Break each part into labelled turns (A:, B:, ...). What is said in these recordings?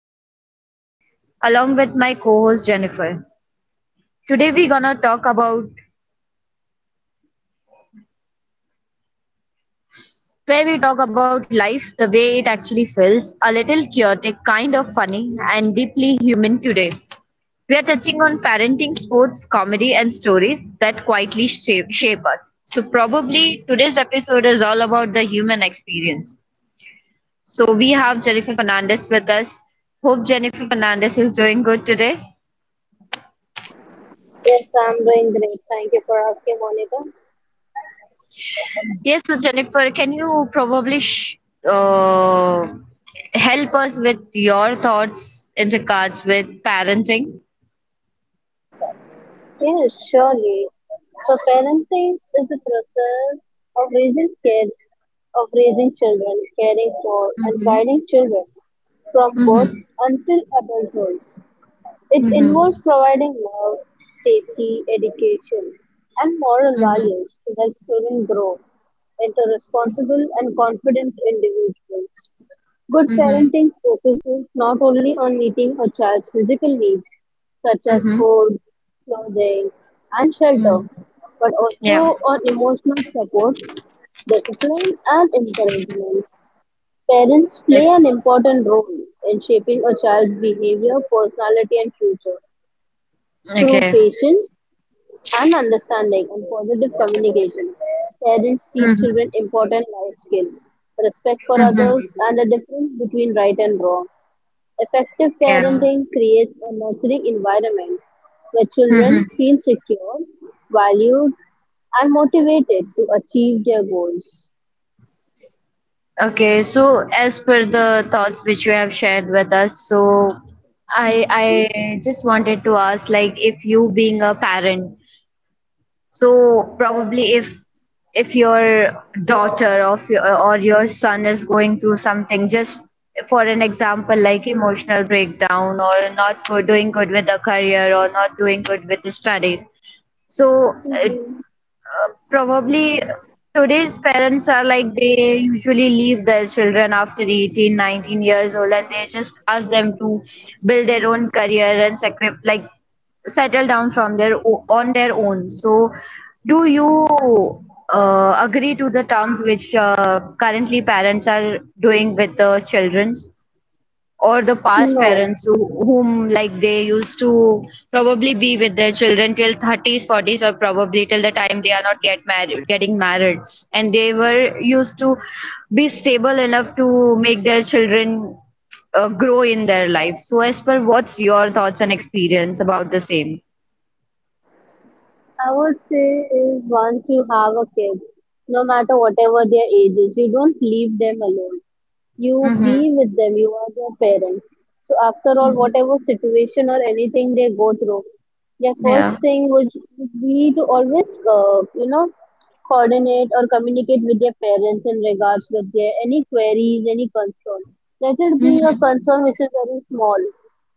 A: podcast along with my co-host Jennifer. Today we're gonna talk about where we talk about life the way it actually feels, a little chaotic, kind of funny, and deeply human today. We are touching on parenting, sports, comedy, and stories that quietly shape us. So probably today's episode is all about the human experience. So we have Jennifer Fernandez with us. Hope Jennifer Fernandez is doing good today.
B: Yes, I'm doing great. Thank you for asking, Monica.
A: Yes, so Jennifer, can you probably sh uh, help us with your thoughts in regards with parenting?
B: Yes, surely. So parenting is the process of raising kids, of raising children, caring for and
A: Mm-hmm.
B: guiding children from birth
A: Mm-hmm.
B: until adulthood. It involves
A: Mm-hmm.
B: providing love, safety, education, and moral
A: Mm-hmm.
B: values to help children grow into responsible and confident individuals. Good
A: Mm-hmm.
B: parenting focuses not only on meeting a child's physical needs, such as
A: Mm-hmm.
B: food, clothing, and shelter,
A: Mm.
B: but
A: Yeah.
B: also on emotional support, discipline, and encouragement. Parents play
A: Like.
B: an important role in shaping a child's behavior, personality, and future through
A: Okay.
B: patience and understanding and positive communication. Parents teach
A: Mm-hmm.
B: children important life skills, respect for
A: Mm-hmm.
B: others, and the difference between right and wrong. Effective
A: Yeah.
B: parenting creates a nurturing environment where
A: Mm-hmm.
B: children feel secure, valued, and motivated to achieve their goals.
A: Okay. So as per the thoughts which you have shared with us, so I just wanted to ask, like, if you being a parent, so probably if your daughter or if your, or your son is going through something, just for an example, like emotional breakdown or not go- doing good with a career or not doing good with the studies. So, uh,
B: Mhm.
A: probably today's parents are like they usually leave their children after 18, 19 years old and they just ask them to build their own career and sacrifice, like settle down on their own. So, do you agree to the terms which currently parents are doing with the childrens, or the past
B: No,
A: parents who, whom, like they used to probably be with their children till 30s 40s or probably till the time they are not getting married and they were used to be stable enough to make their children grow in their life. So, as per what's your thoughts and experience about the same?
B: I would say is once you have a kid, no matter whatever their age is, you don't leave them alone. You
A: Mhm.
B: be with them. You are their parent. So after all, whatever situation or anything they go through, their
A: Yeah.
B: first thing would be to always, coordinate or communicate with their parents in regards with their any queries, any concern. Let it be a concern which is very small,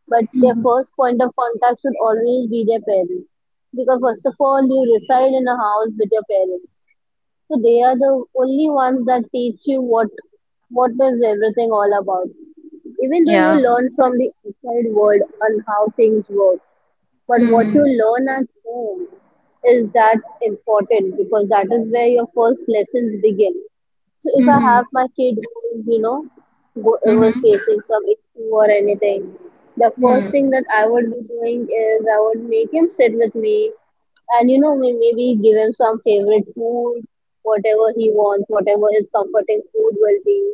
B: but their first point of contact should always be their parents, because first of all you reside in a house with your parents, so they are the only ones that teach you what is everything all about. Even though you
A: Yeah.
B: learn from the outside world on how things work, but what you learn at home is that important, because that is where your first lessons begin. So if I have my kid, you know, was facing some issue or anything, the first thing
A: Mhm.
B: that I would be doing is I would make him sit with me, and maybe give him some favorite food, whatever he wants, whatever his comforting food will be,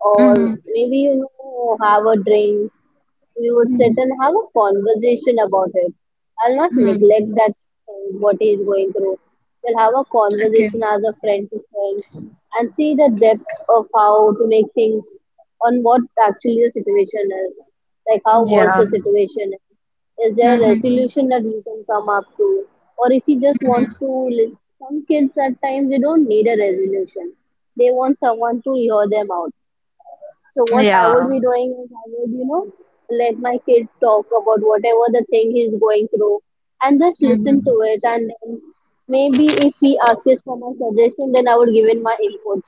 B: or
A: Mhm.
B: maybe have a drink. We would sit and have a conversation about it. I'll not neglect
A: Mhm.
B: that friend, what he is going through. We'll have a conversation as a friend to friend and see the depth of how to make things, on what actually the situation is. Like, how was
A: Yeah.
B: the situation? Is there a
A: Mhm.
B: resolution that you can come up to? Or if he just wants to,
A: Mhm.
B: some kids at times they don't need a resolution. They want someone to hear them out, so what I would
A: Yeah.
B: be doing is I would, let my kid talk about whatever the thing he's going through and just listen to
A: Mhm.
B: it, and then maybe if he asks for my suggestion then I would give in my inputs.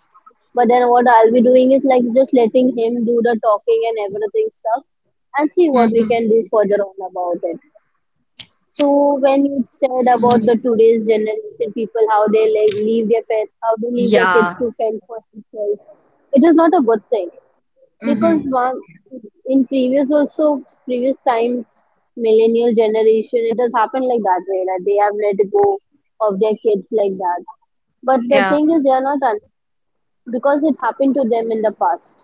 B: But then what I'll be doing is like just letting him do the talking and everything stuff, and see what we
A: Mhm.
B: can do further on about it. So when you said about
A: Mhm.
B: the today's generation people, how they like leave their pets, how they leave their kids
A: Yeah.
B: to fend for themselves, it is not a good thing, because
A: Mhm.
B: one, in previous, also previous times, millennial generation, it has happened like that way, that they have let go of their kids like that. But the
A: Yeah.
B: thing is, they are not because it happened to them in the past,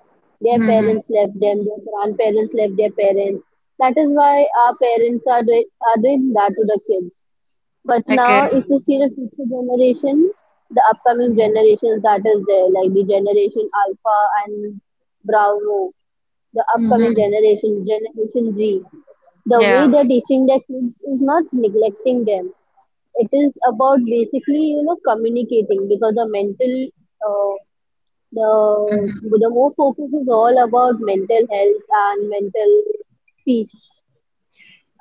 B: their
A: Mhm.
B: parents left them, their grandparents left their parents. That is why our parents are doing that to the kids. But now,
A: Okay.
B: if you see the future generation, the upcoming generations that is there, like the Generation Alpha and Bravo, the upcoming
A: Mhm.
B: generation, Generation Z. The way
A: Yeah.
B: they're teaching their kids is not neglecting them. It is about basically, communicating, because the mental, uh, the
A: Mhm.
B: the more focus is all about mental health and mental peace.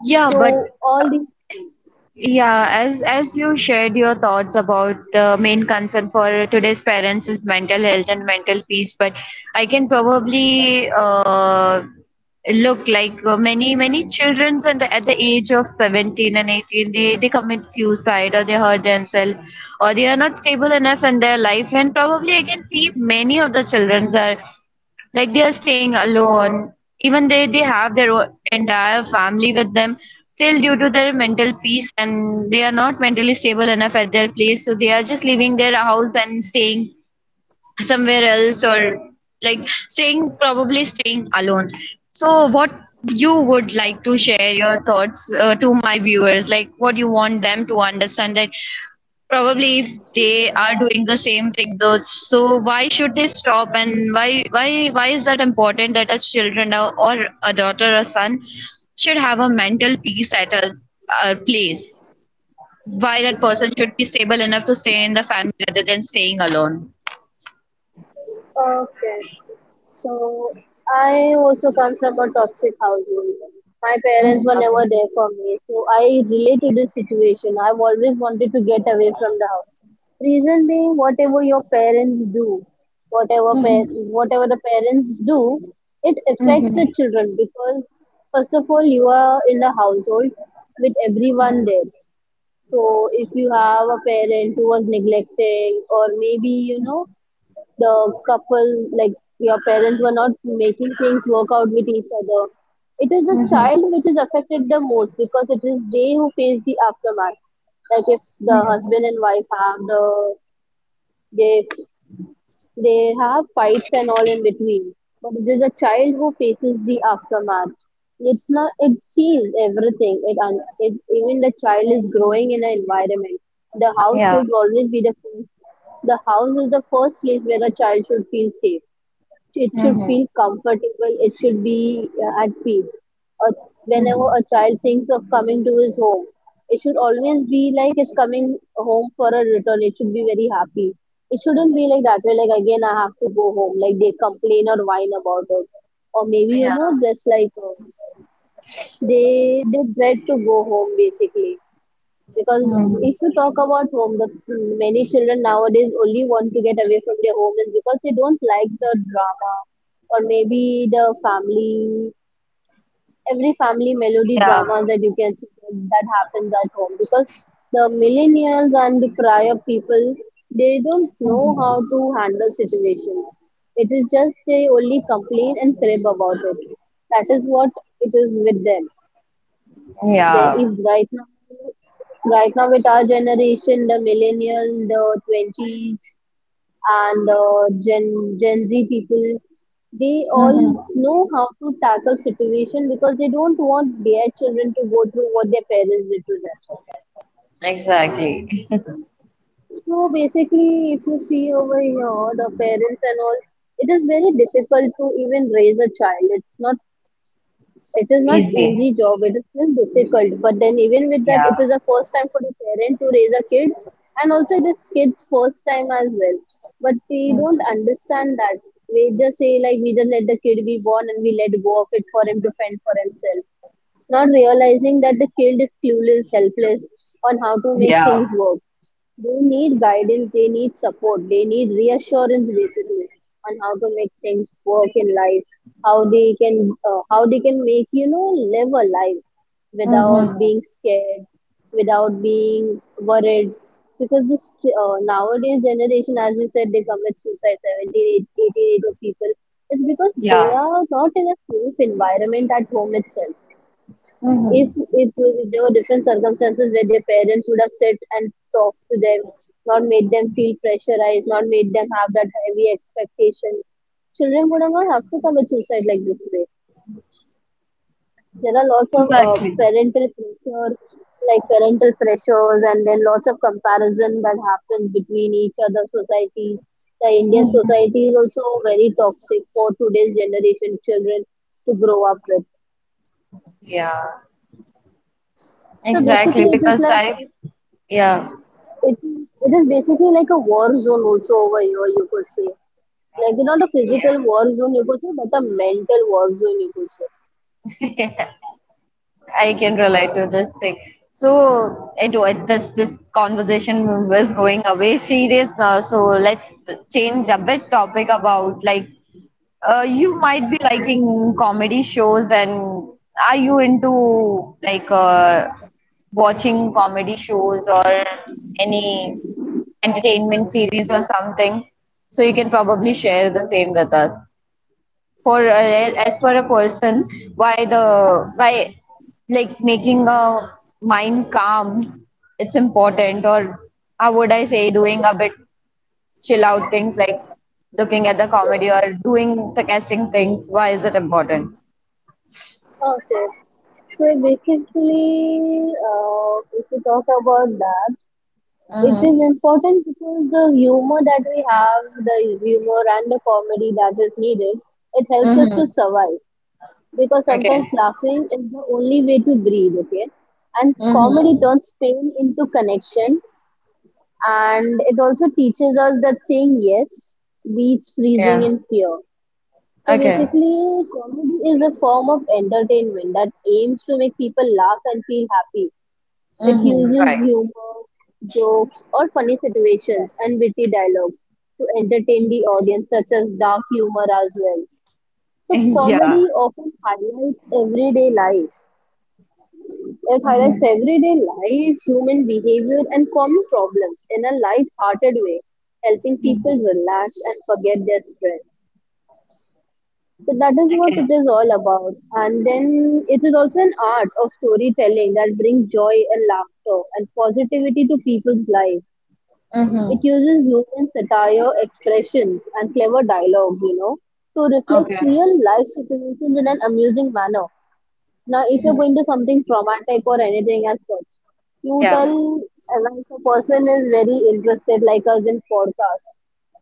A: Yeah, but.
B: So all these things.
A: Yeah, as you shared your thoughts about the main concern for today's parents is mental health and mental peace, but I can probably look, like, many children and at the age of 17 and 18, they commit suicide or they hurt themselves or they are not stable enough in their life, and probably I can see many of the children are like they are staying alone, even they have their entire family with them, still due to their mental peace and they are not mentally stable enough at their place, so they are just leaving their house and staying somewhere else or, like, staying probably staying alone. So what you would like to share your thoughts to my viewers, like what you want them to understand, that probably if they are doing the same thing though, so why should they stop and why is that important that as children or a daughter or son should have a mental peace at a place? Why that person should be stable enough to stay in the family rather than staying alone?
B: Okay. So I also come from a toxic household. My parents were
A: Mm-hmm.
B: never there for me. So I relate to this situation. I've always wanted to get away from the house. Reason being, whatever your parents do, whatever pa- whatever the parents do, it affects the
A: Mm-hmm.
B: children, because first of all, you are in the household with everyone there. So if you have a parent who was neglecting, or maybe you know the couple, like your parents were not making things work out with each other. It is the
A: Mm-hmm.
B: child which is affected the most, because it is they who face the aftermath. Like if the
A: Mm-hmm.
B: husband and wife have the they they have fights and all in between, but it is a child who faces the aftermath. It's not, it sees everything. It even the child is growing in an environment. The house
A: Yeah.
B: should always be the house is the first place where a child should feel safe. It should
A: Mm-hmm.
B: feel comfortable. It should be at peace. uh, Whenever
A: Mm-hmm.
B: a child thinks of coming to his home, it should always be like it's coming home for a return. It should be very happy. It shouldn't be like that way, like, again I have to go home, like they complain or whine about it, or maybe
A: Yeah.
B: just like, they dread to go home basically. Because
A: Mm-hmm.
B: if you talk about home, the many children nowadays only want to get away from their home, is because they don't like the drama, or maybe the family, every family melody
A: Yeah.
B: drama that you can, that happens at home. Because the millennials and the prior people, they don't know how to handle situations. It is just, they only complain and crib about it. That is what it is with them. Where
A: Yeah.
B: if right now with our generation, the millennial, the 20s, and the gen gen Z people, they all
A: Mm-hmm.
B: know how to tackle situation, because they don't want their children to go through what their parents did to them.
A: Exactly.
B: So basically, if you see over here, the parents and all, it is very difficult to even raise a child. It is not
A: Easy.
B: easy job. It is still difficult. But then even with that,
A: Yeah.
B: it is the first time for the parent to raise a kid, and also it is kids' first time as well. But we don't
A: Mm.
B: understand that. We just say, like, we just let the kid be born and we let go of it for him to fend for himself, not realizing that the kid is clueless, helpless on how to make
A: Yeah.
B: things work. They need guidance, they need support, they need reassurance, basically on how to make things work in life, how they can make live a life without
A: Mhm.
B: being scared, without being worried. Because this nowadays generation, as you said, they commit suicide 70, 88 of people. It's because they
A: Yeah.
B: are not in a safe environment at home itself. If
A: Mhm.
B: it was, there were different circumstances where their parents would have sat and talked to them, not made them feel pressurized, not made them have that heavy expectations, children would have not have to commit suicide like this way. There are lots of
A: Exactly.
B: parental pressure, like parental pressures, and then lots of comparison that happens between each other societies. The Indian
A: Mhm.
B: society is also very toxic for today's generation children to grow up with.
A: Yeah,
B: So
A: exactly.
B: basically, it is
A: Because
B: like
A: I, yeah,
B: it it is basically like a war zone also over here, you could say, like not a physical war zone you could say, but a mental war zone you could say.
A: I can relate to this thing. So I do it. This conversation was going away serious now. So let's change a bit topic about, like, you might be liking comedy shows and are you into, like, watching comedy shows or any entertainment series or something. So you can probably share the same with us. For as per a person, why, like, making a mind calm, it's important. Or how would I say, doing a bit chill out things like looking at the comedy or doing sarcastic things. Why is it important?
B: Okay. So basically, if you talk about that, it is
A: Mhm.
B: important, because the humor that we have, the humor and the comedy that is needed, it helps us to
A: Mhm.
B: survive, because sometimes
A: Okay.
B: laughing is the only way to breathe, okay, and comedy
A: Mhm.
B: turns pain into connection, and it also teaches us that saying yes beats freezing
A: Yeah.
B: in fear. So
A: Okay.
B: basically, comedy is a form of entertainment that aims to make people laugh and feel happy. It
A: Mhm.
B: uses
A: Right.
B: humor, jokes, or funny situations and witty dialogues to entertain the audience, such as dark humor as well. So
A: Yeah.
B: comedy often highlights everyday life,
A: Mhm.
B: human behavior, and common problems in a light-hearted way, helping people relax and forget their stress. So that is what
A: Okay.
B: it is all about. And then it is also an art of storytelling that brings joy and laughter and positivity to people's lives. It
A: Mhm.
B: uses human satire, expressions, and clever dialogue, to reflect
A: Okay.
B: real life situations in an amusing manner. Now, if you're
A: Mhm.
B: going to something traumatic or anything as such, you tell,
A: Yeah.
B: like a person is very interested, like us in podcast.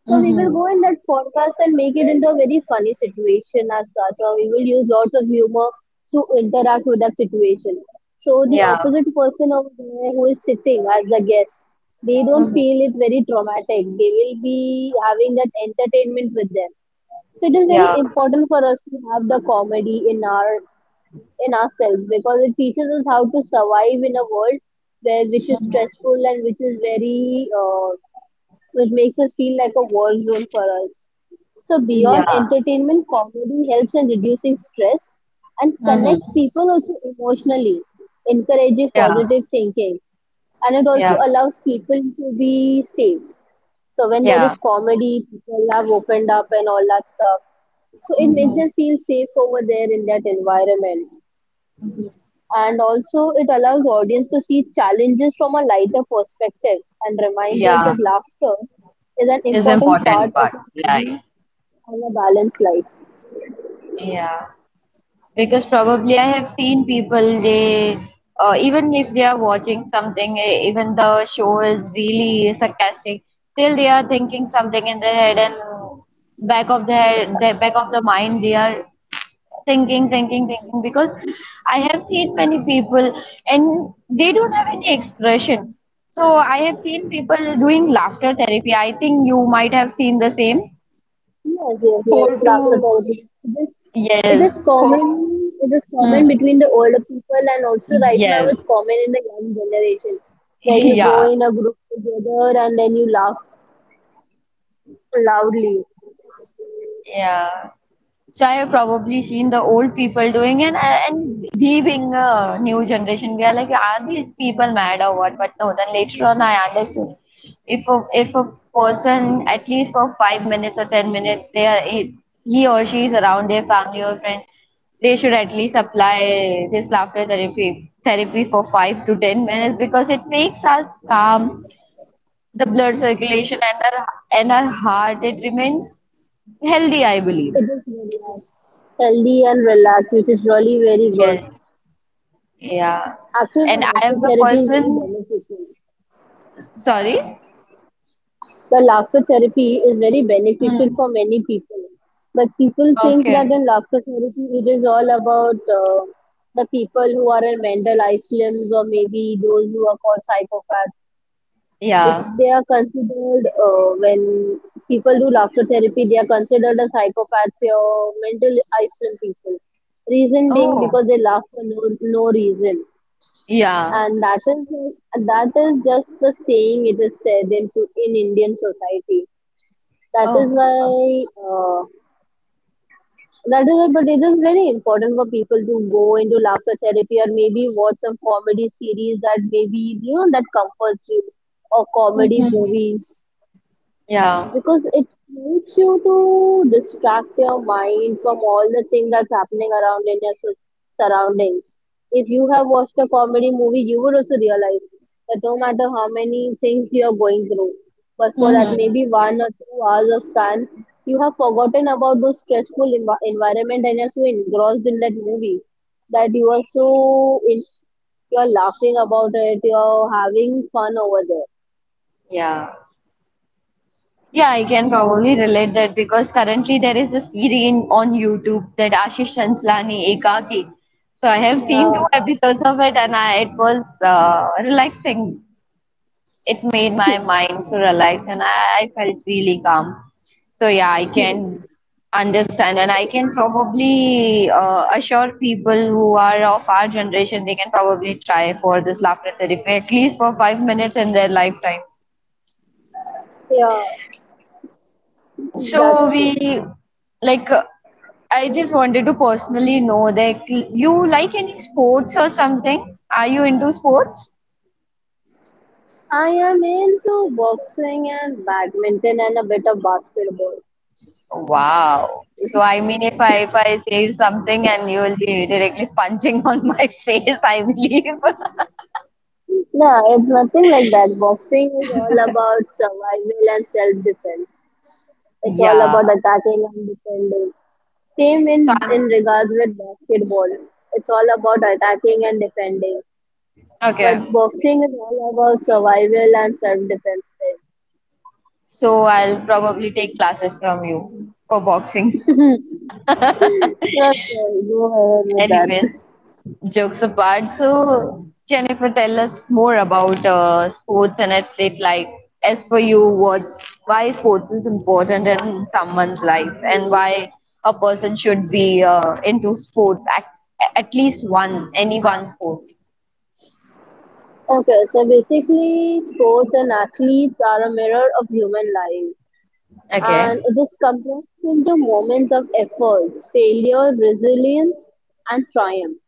B: So we will
A: Mhm.
B: go in that podcast and make it into a very funny situation as such, or we will use lots of humor to interact with that situation. So the
A: Yeah.
B: opposite person over there who is sitting as a guest, they don't
A: Mhm.
B: feel it very traumatic. They will be having that entertainment with them. So it is very
A: Yeah.
B: important for us to have the comedy in our in ourselves because it teaches us how to survive in a world where which is stressful and which is very which makes us feel like a war zone for us. So beyond
A: Yeah.
B: entertainment, comedy helps in reducing stress and connects
A: Mhm.
B: people also emotionally, encouraging
A: Yeah.
B: positive thinking. And it also
A: Yeah.
B: allows people to be safe. So when there
A: Yeah.
B: is comedy, people have opened up and all that stuff. So it makes
A: Mhm.
B: them feel safe over there in that environment and also it allows audience to see challenges from a lighter perspective and reminds us
A: Yeah.
B: that laughter is an
A: Is
B: important part
A: important
B: of
A: part.
B: a
A: Right.
B: healthy and a balanced life.
A: Yeah. Because probably I have seen people they, even if they are watching something, even the show is really sarcastic, still they are thinking something in their head and back of their, back of the mind they are thinking because I have seen many people and they don't have any expression. So I have seen people doing laughter therapy, I think you might have seen the same.
B: Yes, yes, yes.
A: Four to,
B: Laughter therapy. It is, it
A: yes,
B: is
A: four.
B: common. It is common
A: Hmm.
B: between the older people, and also right now
A: Yes.
B: it's common in the young generation, where you go
A: Yeah.
B: in a group together and then you laugh loudly.
A: Yeah, which I have probably seen the old people doing, and we being a new generation, we are like, are these people mad or what? But no, then later on I understood. If a person at least for 5 minutes or 10 minutes, they are he or she is around their family or friends, they should at least apply this laughter therapy for 5 to 10 minutes because it makes us calm, the blood circulation and our heart, it remains healthy, I believe.
B: It is very healthy and relaxed, which is really very good.
A: Yes. Yeah.
B: Actually, the
A: And I
B: laughter
A: am the
B: therapy is very
A: person,
B: beneficial.
A: sorry?
B: The laughter therapy is very beneficial for many people. But people think that in laughter therapy, it is all about the people who are in mental isolations or maybe those who are called psychopaths. It,
A: Yeah.
B: they are considered, when people do laughter therapy, they are considered as psychopaths or mental isolated people. Reason being because
A: Oh,
B: they laugh for no reason
A: yeah.
B: and that is just the saying it is said into in Indian society. That is
A: Oh.
B: why uh, that is why, but it is very important for people to go into laughter therapy or maybe watch some comedy series that maybe you know that comforts you or comedy
A: Mm-hmm.
B: movies
A: Yeah.
B: because it makes you to distract your mind from all the things that's happening around in your surroundings. If you have watched a comedy movie, you would also realize that no matter how many things you are going through, but for that
A: Mm-hmm.
B: maybe 1 or 2 hours of span, you have forgotten about those stressful environment and you're so engrossed in that movie that you're laughing about it, you're having fun over there.
A: Yeah. Yeah, I can probably relate that, because currently there is a series on YouTube, that Ashish Chanslani Ekaki. So I have seen two
B: Yeah,
A: episodes of it and I, it was relaxing, it made my mind so relaxed and I felt really calm. So yeah, I can understand and I can probably assure people who are of our generation they can probably try for this laughter therapy at least for 5 minutes in their lifetime.
B: yeah,
A: So
B: that's true.
A: we like, I just wanted to personally know that you like any sports or something? Are you into sports?
B: I am into boxing and badminton and a bit of basketball.
A: Wow. So I mean, if I say something and you will be directly punching on my face, I believe.
B: No, it's nothing like that. Boxing is all about survival and self-defense. It's all
A: Yeah.
B: about attacking and defending. Same
A: So
B: in
A: I'm,
B: in regards with basketball. It's all about attacking and defending. But
A: okay.
B: boxing is all about survival and self-defense.
A: So I'll probably take classes from you for boxing.
B: Sure, sure. Go ahead with that.
A: Anyways, jokes apart, so Jennifer, tell us more about sports and athlete life. As for you, what's why sports is important in someone's life, and why a person should be into sports at, least one, any one sport.
B: Okay, so basically, sports and athletes are a mirror of human life
A: Okay.
B: and it is compressed into moments of efforts, failure, resilience, and triumph.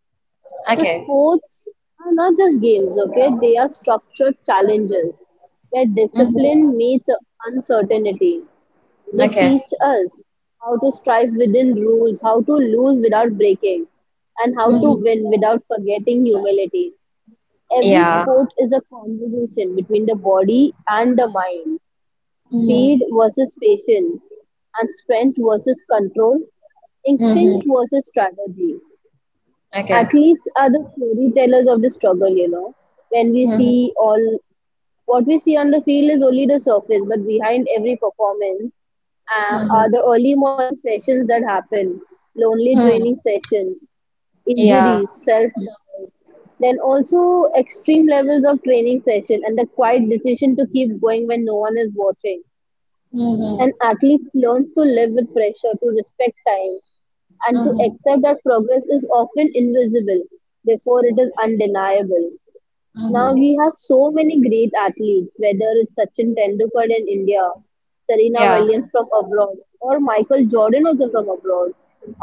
B: So,
A: Okay.
B: sports are not just games, okay? They are structured challenges where
A: Mm-hmm.
B: discipline meets uncertainty. They
A: Okay.
B: teach us how to strive within rules, how to lose without breaking, and how to
A: Mm-hmm.
B: win without forgetting humility. Every
A: Yeah.
B: sport is a conversation between the body and the mind, speed
A: Mm-hmm.
B: versus patience, and strength versus control,
A: Mm-hmm.
B: instinct versus strategy.
A: Okay.
B: Athletes are the storytellers of the struggle. When we
A: Mm-hmm.
B: see all what we see on the field is only the surface, but behind every performance
A: Mm-hmm.
B: are the early morning sessions that happen, lonely
A: Mm-hmm.
B: training sessions,
A: Yeah.
B: injuries, self doubt, then also extreme levels of training session and the quiet decision to keep going when no one is watching. An
A: Mm-hmm.
B: athlete learns to live with pressure, to respect time, and to
A: Mm-hmm.
B: accept that progress is often invisible before it is undeniable. Now
A: Mm-hmm.
B: we have so many great athletes, whether it's Sachin Tendulkar in India, Serena
A: Yeah.
B: Williams from abroad, or Michael Jordan also from abroad,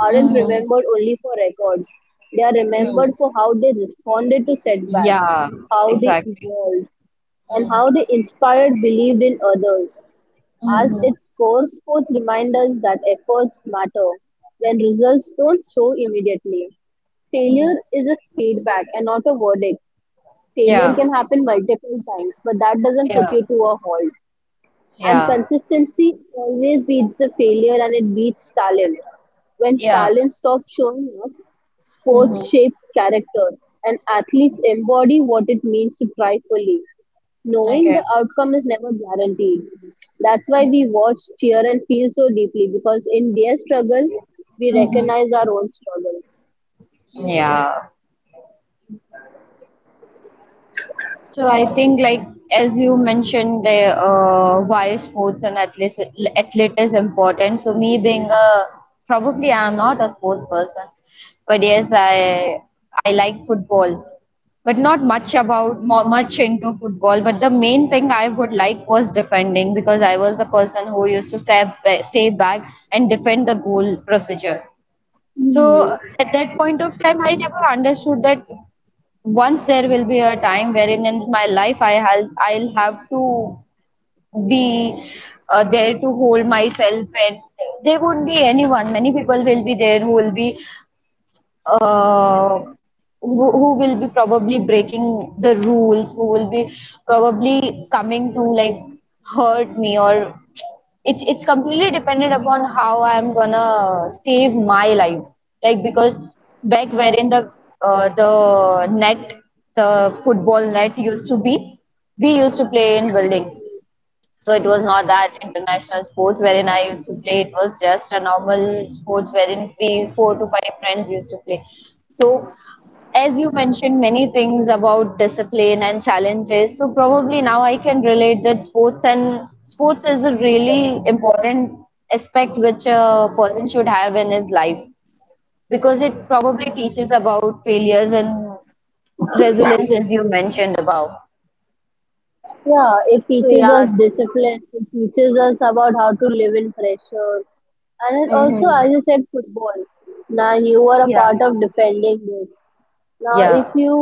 B: aren't
A: Mm.
B: remembered only for records. They are
A: Mm.
B: remembered for how they responded to setbacks,
A: Yeah,
B: how they
A: exactly.
B: evolved, and
A: Mm.
B: how they inspired, believed in others. As
A: Mhm.
B: its core, sports remind us that efforts matter when results don't show immediately.
A: Mm.
B: Failure is a feedback and not a verdict. Failure
A: Yeah,
B: can happen multiple times, but that doesn't put
A: yeah,
B: you to a halt. And
A: yeah,
B: consistency always beats the failure and it beats talent. When
A: yeah.
B: talent stops showing up,
A: Mhm.
B: sports shape character and athletes embody what it means to try fully. Knowing
A: Okay.
B: the outcome is never guaranteed. That's why we watch, cheer, and feel so deeply because in their struggle, we
A: Mhm.
B: recognize our own struggle.
A: Yeah. So I think, like as you mentioned, the, why sports and athlete is important. So me being a, probably I am not a sports person, but yes, I like football, but not much about much into football. But the main thing I would like was defending because I was the person who used to stay stay back and defend the goal procedure.
B: Hmm.
A: So at that point of time, I never understood that once there will be a time wherein in my life I'll have to be, there to hold myself, and there won't be anyone. Many people will be there who will be uh, who will be probably breaking the rules, who will be probably coming to, like, hurt me, or it's completely dependent upon how I'm gonna save my life. Like, because back wherein the, the net, the football net used to be, we used to play in buildings. So it was not that international sports wherein I used to play. It was just a normal sports wherein we four to five friends used to play. So as you mentioned many things about discipline and challenges, so probably now I can relate that sports and sports is a really important aspect which a person should have in his life because it probably teaches about failures and resilience, as you mentioned about.
B: Yeah, it
A: So
B: teaches us
A: yeah.
B: discipline. It teaches us about how to live in pressure. And it
A: Hmm.
B: also, as you said, football. Now you are a
A: Yeah,
B: part of defending this. Now, if
A: yeah.
B: you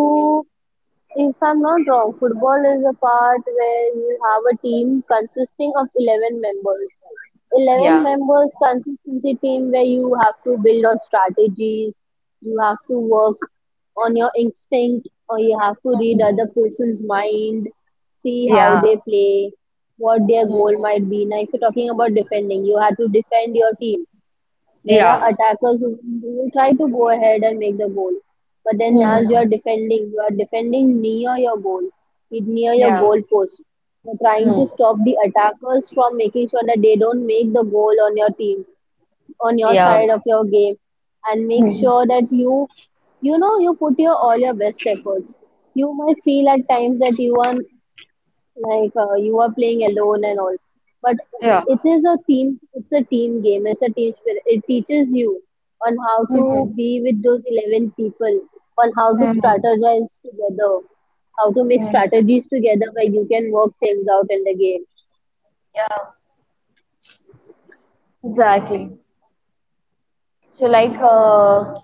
B: If I'm not wrong, football is a part where you have a team consisting of 11 members. 11
A: Yeah.
B: members consistency team where you have to build on strategies, you have to work on your instinct, or you have to read other person's mind, see how
A: Yeah,
B: they play, what their
A: Mhm,
B: goal might be. Now, if you're talking about defending, you have to defend your team. There are
A: yeah.
B: attackers who will try to go ahead and make the goal but then
A: Mhm.
B: as you are defending near your goal, near your
A: Yeah.
B: goal post. You're trying to
A: Mm.
B: stop the attackers from making sure that they don't make the goal on your team, on your
A: Yeah.
B: side of your game, and make
A: Mhm.
B: sure that you know, you put your all your best efforts. You might feel at times that you are like you are playing alone and all, but
A: Yeah.
B: it is a team, it's a team game, it's a team spirit. It teaches you on how to
A: Mhm.
B: be with those 11 people, on how to
A: Mhm.
B: strategize together, how to make
A: Mhm.
B: strategies together where you can work things out in the game.
A: Yeah. Exactly. So like,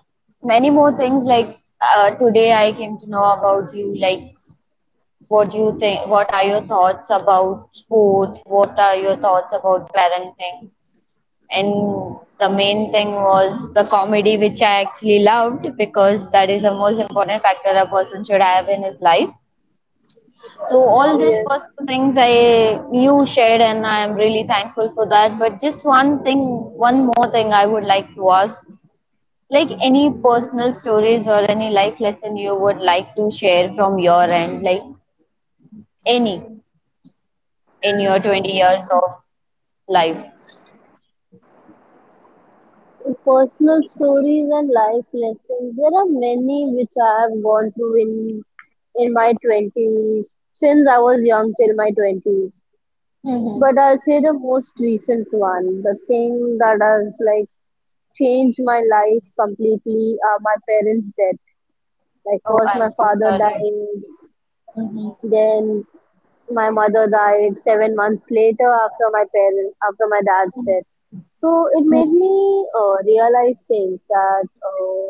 A: many more things like, today I came to know about you, like what you think, what are your thoughts about sports, what are your thoughts about parenting. And the main thing was the comedy, which I actually loved because that is the most important factor a person should have in his life. So all these
B: Yes,
A: personal things I you shared, and I am really thankful for that. But just one thing, one more thing I would like to ask, like any personal stories or any life lesson you would like to share from your end, like any, in your 20 years of life.
B: personal stories and life lessons, there are many which I have gone through in my 20s, since I was young till my 20s.
A: Hmm.
B: But I'll say the most recent one, the thing that has like changed my life completely are my parents' death. Like
A: Oh,
B: first
A: I'm
B: my
A: so
B: father
A: sorry.
B: dying, then my mother died 7 months later after my parent after my dad's death. So it made
A: Hmm.
B: me realize things that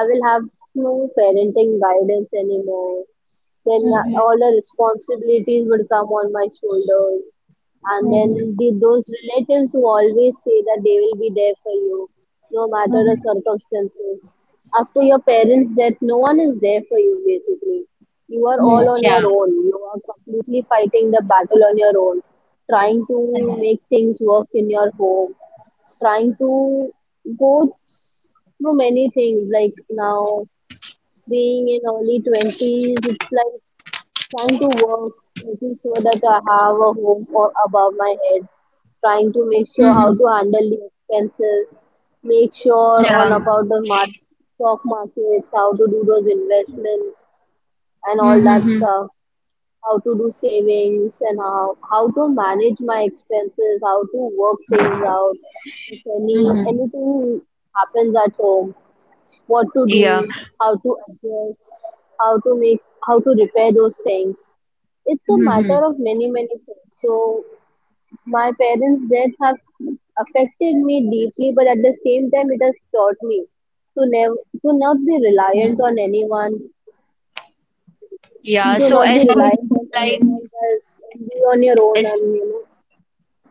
B: I will have no parenting guidance anymore. Then all the responsibilities would come on my shoulders and
A: Mhm.
B: then the, those relatives who always say that they will be there for you no matter the
A: Mhm.
B: circumstances after your parents, that no one is there for you. Basically, you are all
A: Mm.
B: on
A: Yeah.
B: your own, you are completely fighting the battle on your own, trying to
A: Yes.
B: make things work in your home, trying to go through many things. Like now, being in early 20s, it's like trying to work, making sure that I have a home or above my head, trying to make sure how to handle the expenses, make sure
A: Yeah.
B: on about the mar stock markets, how to do those investments and
A: Mm-hmm.
B: all
A: Mm-hmm.
B: that stuff, how to do savings and how to manage my expenses, how to work things out if
A: Mm-hmm.
B: anything happens at home, what to
A: Yeah.
B: do, how to adjust, how to make, how to repair those things. It's a matter
A: Mm-hmm.
B: of many, many things. So my parents' death have affected me deeply, but at the same time, it has taught me to never, to not be reliant
A: Mm.
B: on anyone,
A: Yeah,
B: to
A: so
B: not be
A: as per
B: reliant
A: you,
B: on
A: like
B: anyone else, and be on your own,
A: as
B: and you know.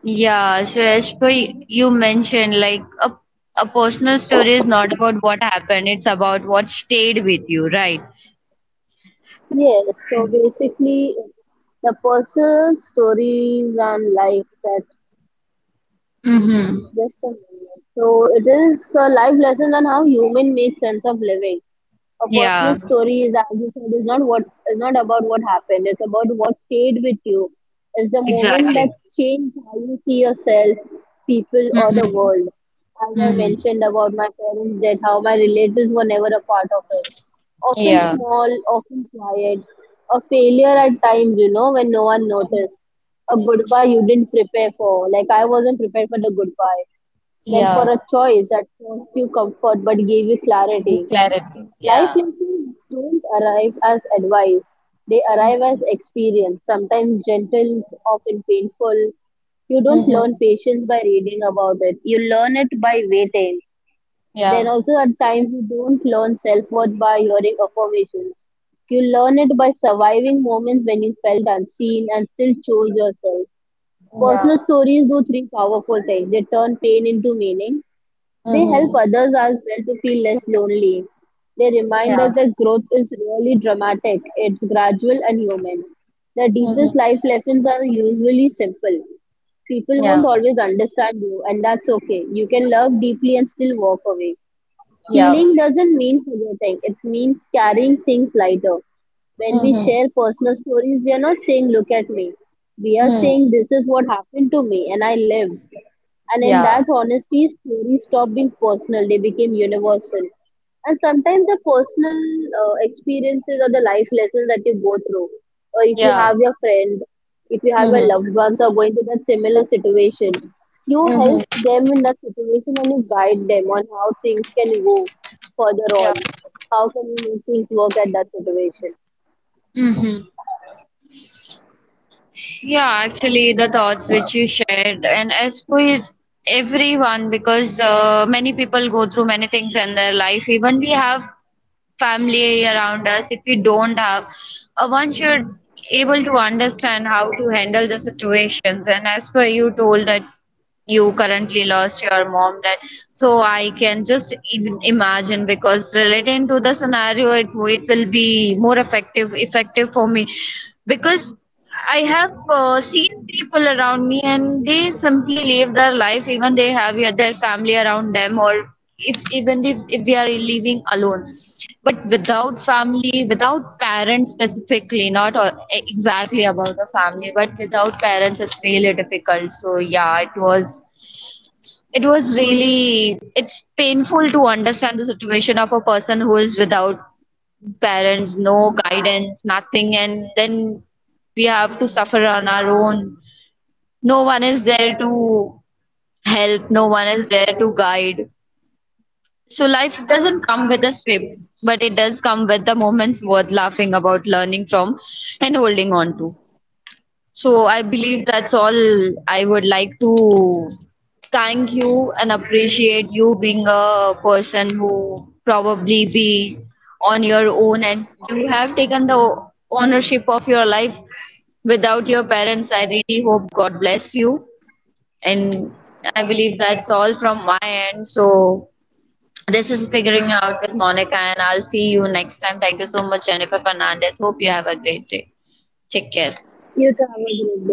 A: yeah, so as per you mentioned, like a personal story is not about what happened, it's about what stayed with you, right?
B: Yes. So basically, the personal stories and life that—
A: Mm-hmm.
B: just a moment. So it is a live lesson on how human makes sense of living. A personal
A: Yeah,
B: story is, as you said, is not about what happened. It's about what stayed with you. It's the moment
A: exactly.
B: that changed how you see yourself, people, or the
A: Mm-hmm.
B: world. As I
A: Mm-hmm.
B: mentioned about my parents' death, how my relatives were never a part of it. Often
A: Yeah.
B: small, often quiet, a failure at times, you know, when no one noticed a goodbye you didn't prepare for. Like I wasn't prepared for the goodbye. Then for
A: Yeah.
B: a choice that caused you comfort but gave you clarity.
A: With clarity.
B: Life
A: Yeah.
B: lessons don't arrive as advice. They arrive as experience, sometimes gentle, often painful. You don't
A: Mm-hmm.
B: learn patience by reading about it. You learn it by waiting. Then
A: Yeah.
B: also at times you don't learn self-worth by hearing affirmations. You learn it by surviving moments when you felt unseen and still chose yourself.
A: Yeah.
B: Personal stories do three powerful things. They turn pain into meaning. They help
A: Mm-hmm.
B: others as well to feel less lonely. They remind
A: Yeah.
B: us that growth is really dramatic. It's gradual and human. The deepest
A: Mhm.
B: life lessons are usually simple. People
A: Yeah.
B: won't always understand you, and that's okay. You can love deeply and still walk away.
A: Yeah.
B: Healing doesn't mean forgetting, it means carrying things lighter. When we
A: Mhm.
B: share personal stories, we are not saying, "Look at me." We are
A: Mhm.
B: saying, "This is what happened to me, and I lived." And in
A: Yeah.
B: that honesty, stories stopped being personal, they became universal. And sometimes the personal experiences or the life lessons that you go through, or if you
A: Yeah.
B: have your friend, if you have your loved
A: Mhm.
B: ones who are going through that similar situation, you help
A: Mhm.
B: them in that situation and you guide them on how things can go further
A: Yeah.
B: on. How can you make things work at that situation?
A: Mm-hmm. Yeah, actually, the thoughts which you shared, and as for everyone, because, many people go through many things in their life, even we have family around us, if we don't have, one should able to understand how to handle the situations. And as per you told that you currently lost your mom, that, so I can just even imagine because relating to the scenario, it will be more effective for me because I have seen people around me and they simply live their life, even they have, yeah, their family around them or if even if they are living alone, but without family, without parents specifically, not all- exactly about the family, but without parents, it's really difficult. So yeah, it was, it was really, it's painful to understand the situation of a person who is without parents, no guidance, nothing, and then we have to suffer on our own. No one is there to help, no one is there to guide. So life doesn't come with a script, but it does come with the moments worth laughing about, learning from, and holding on to. So I believe that's all. I would like to thank you and appreciate you being a person who probably be on your own and you have taken the ownership of your life without your parents. I really hope God bless you, and I believe that's all from my end. So this is Figuring Out with Monica, and I'll see you next time. Thank you so much, Jennifer Fernandez. Hope you have a great day. Take care.
B: You too have a great day.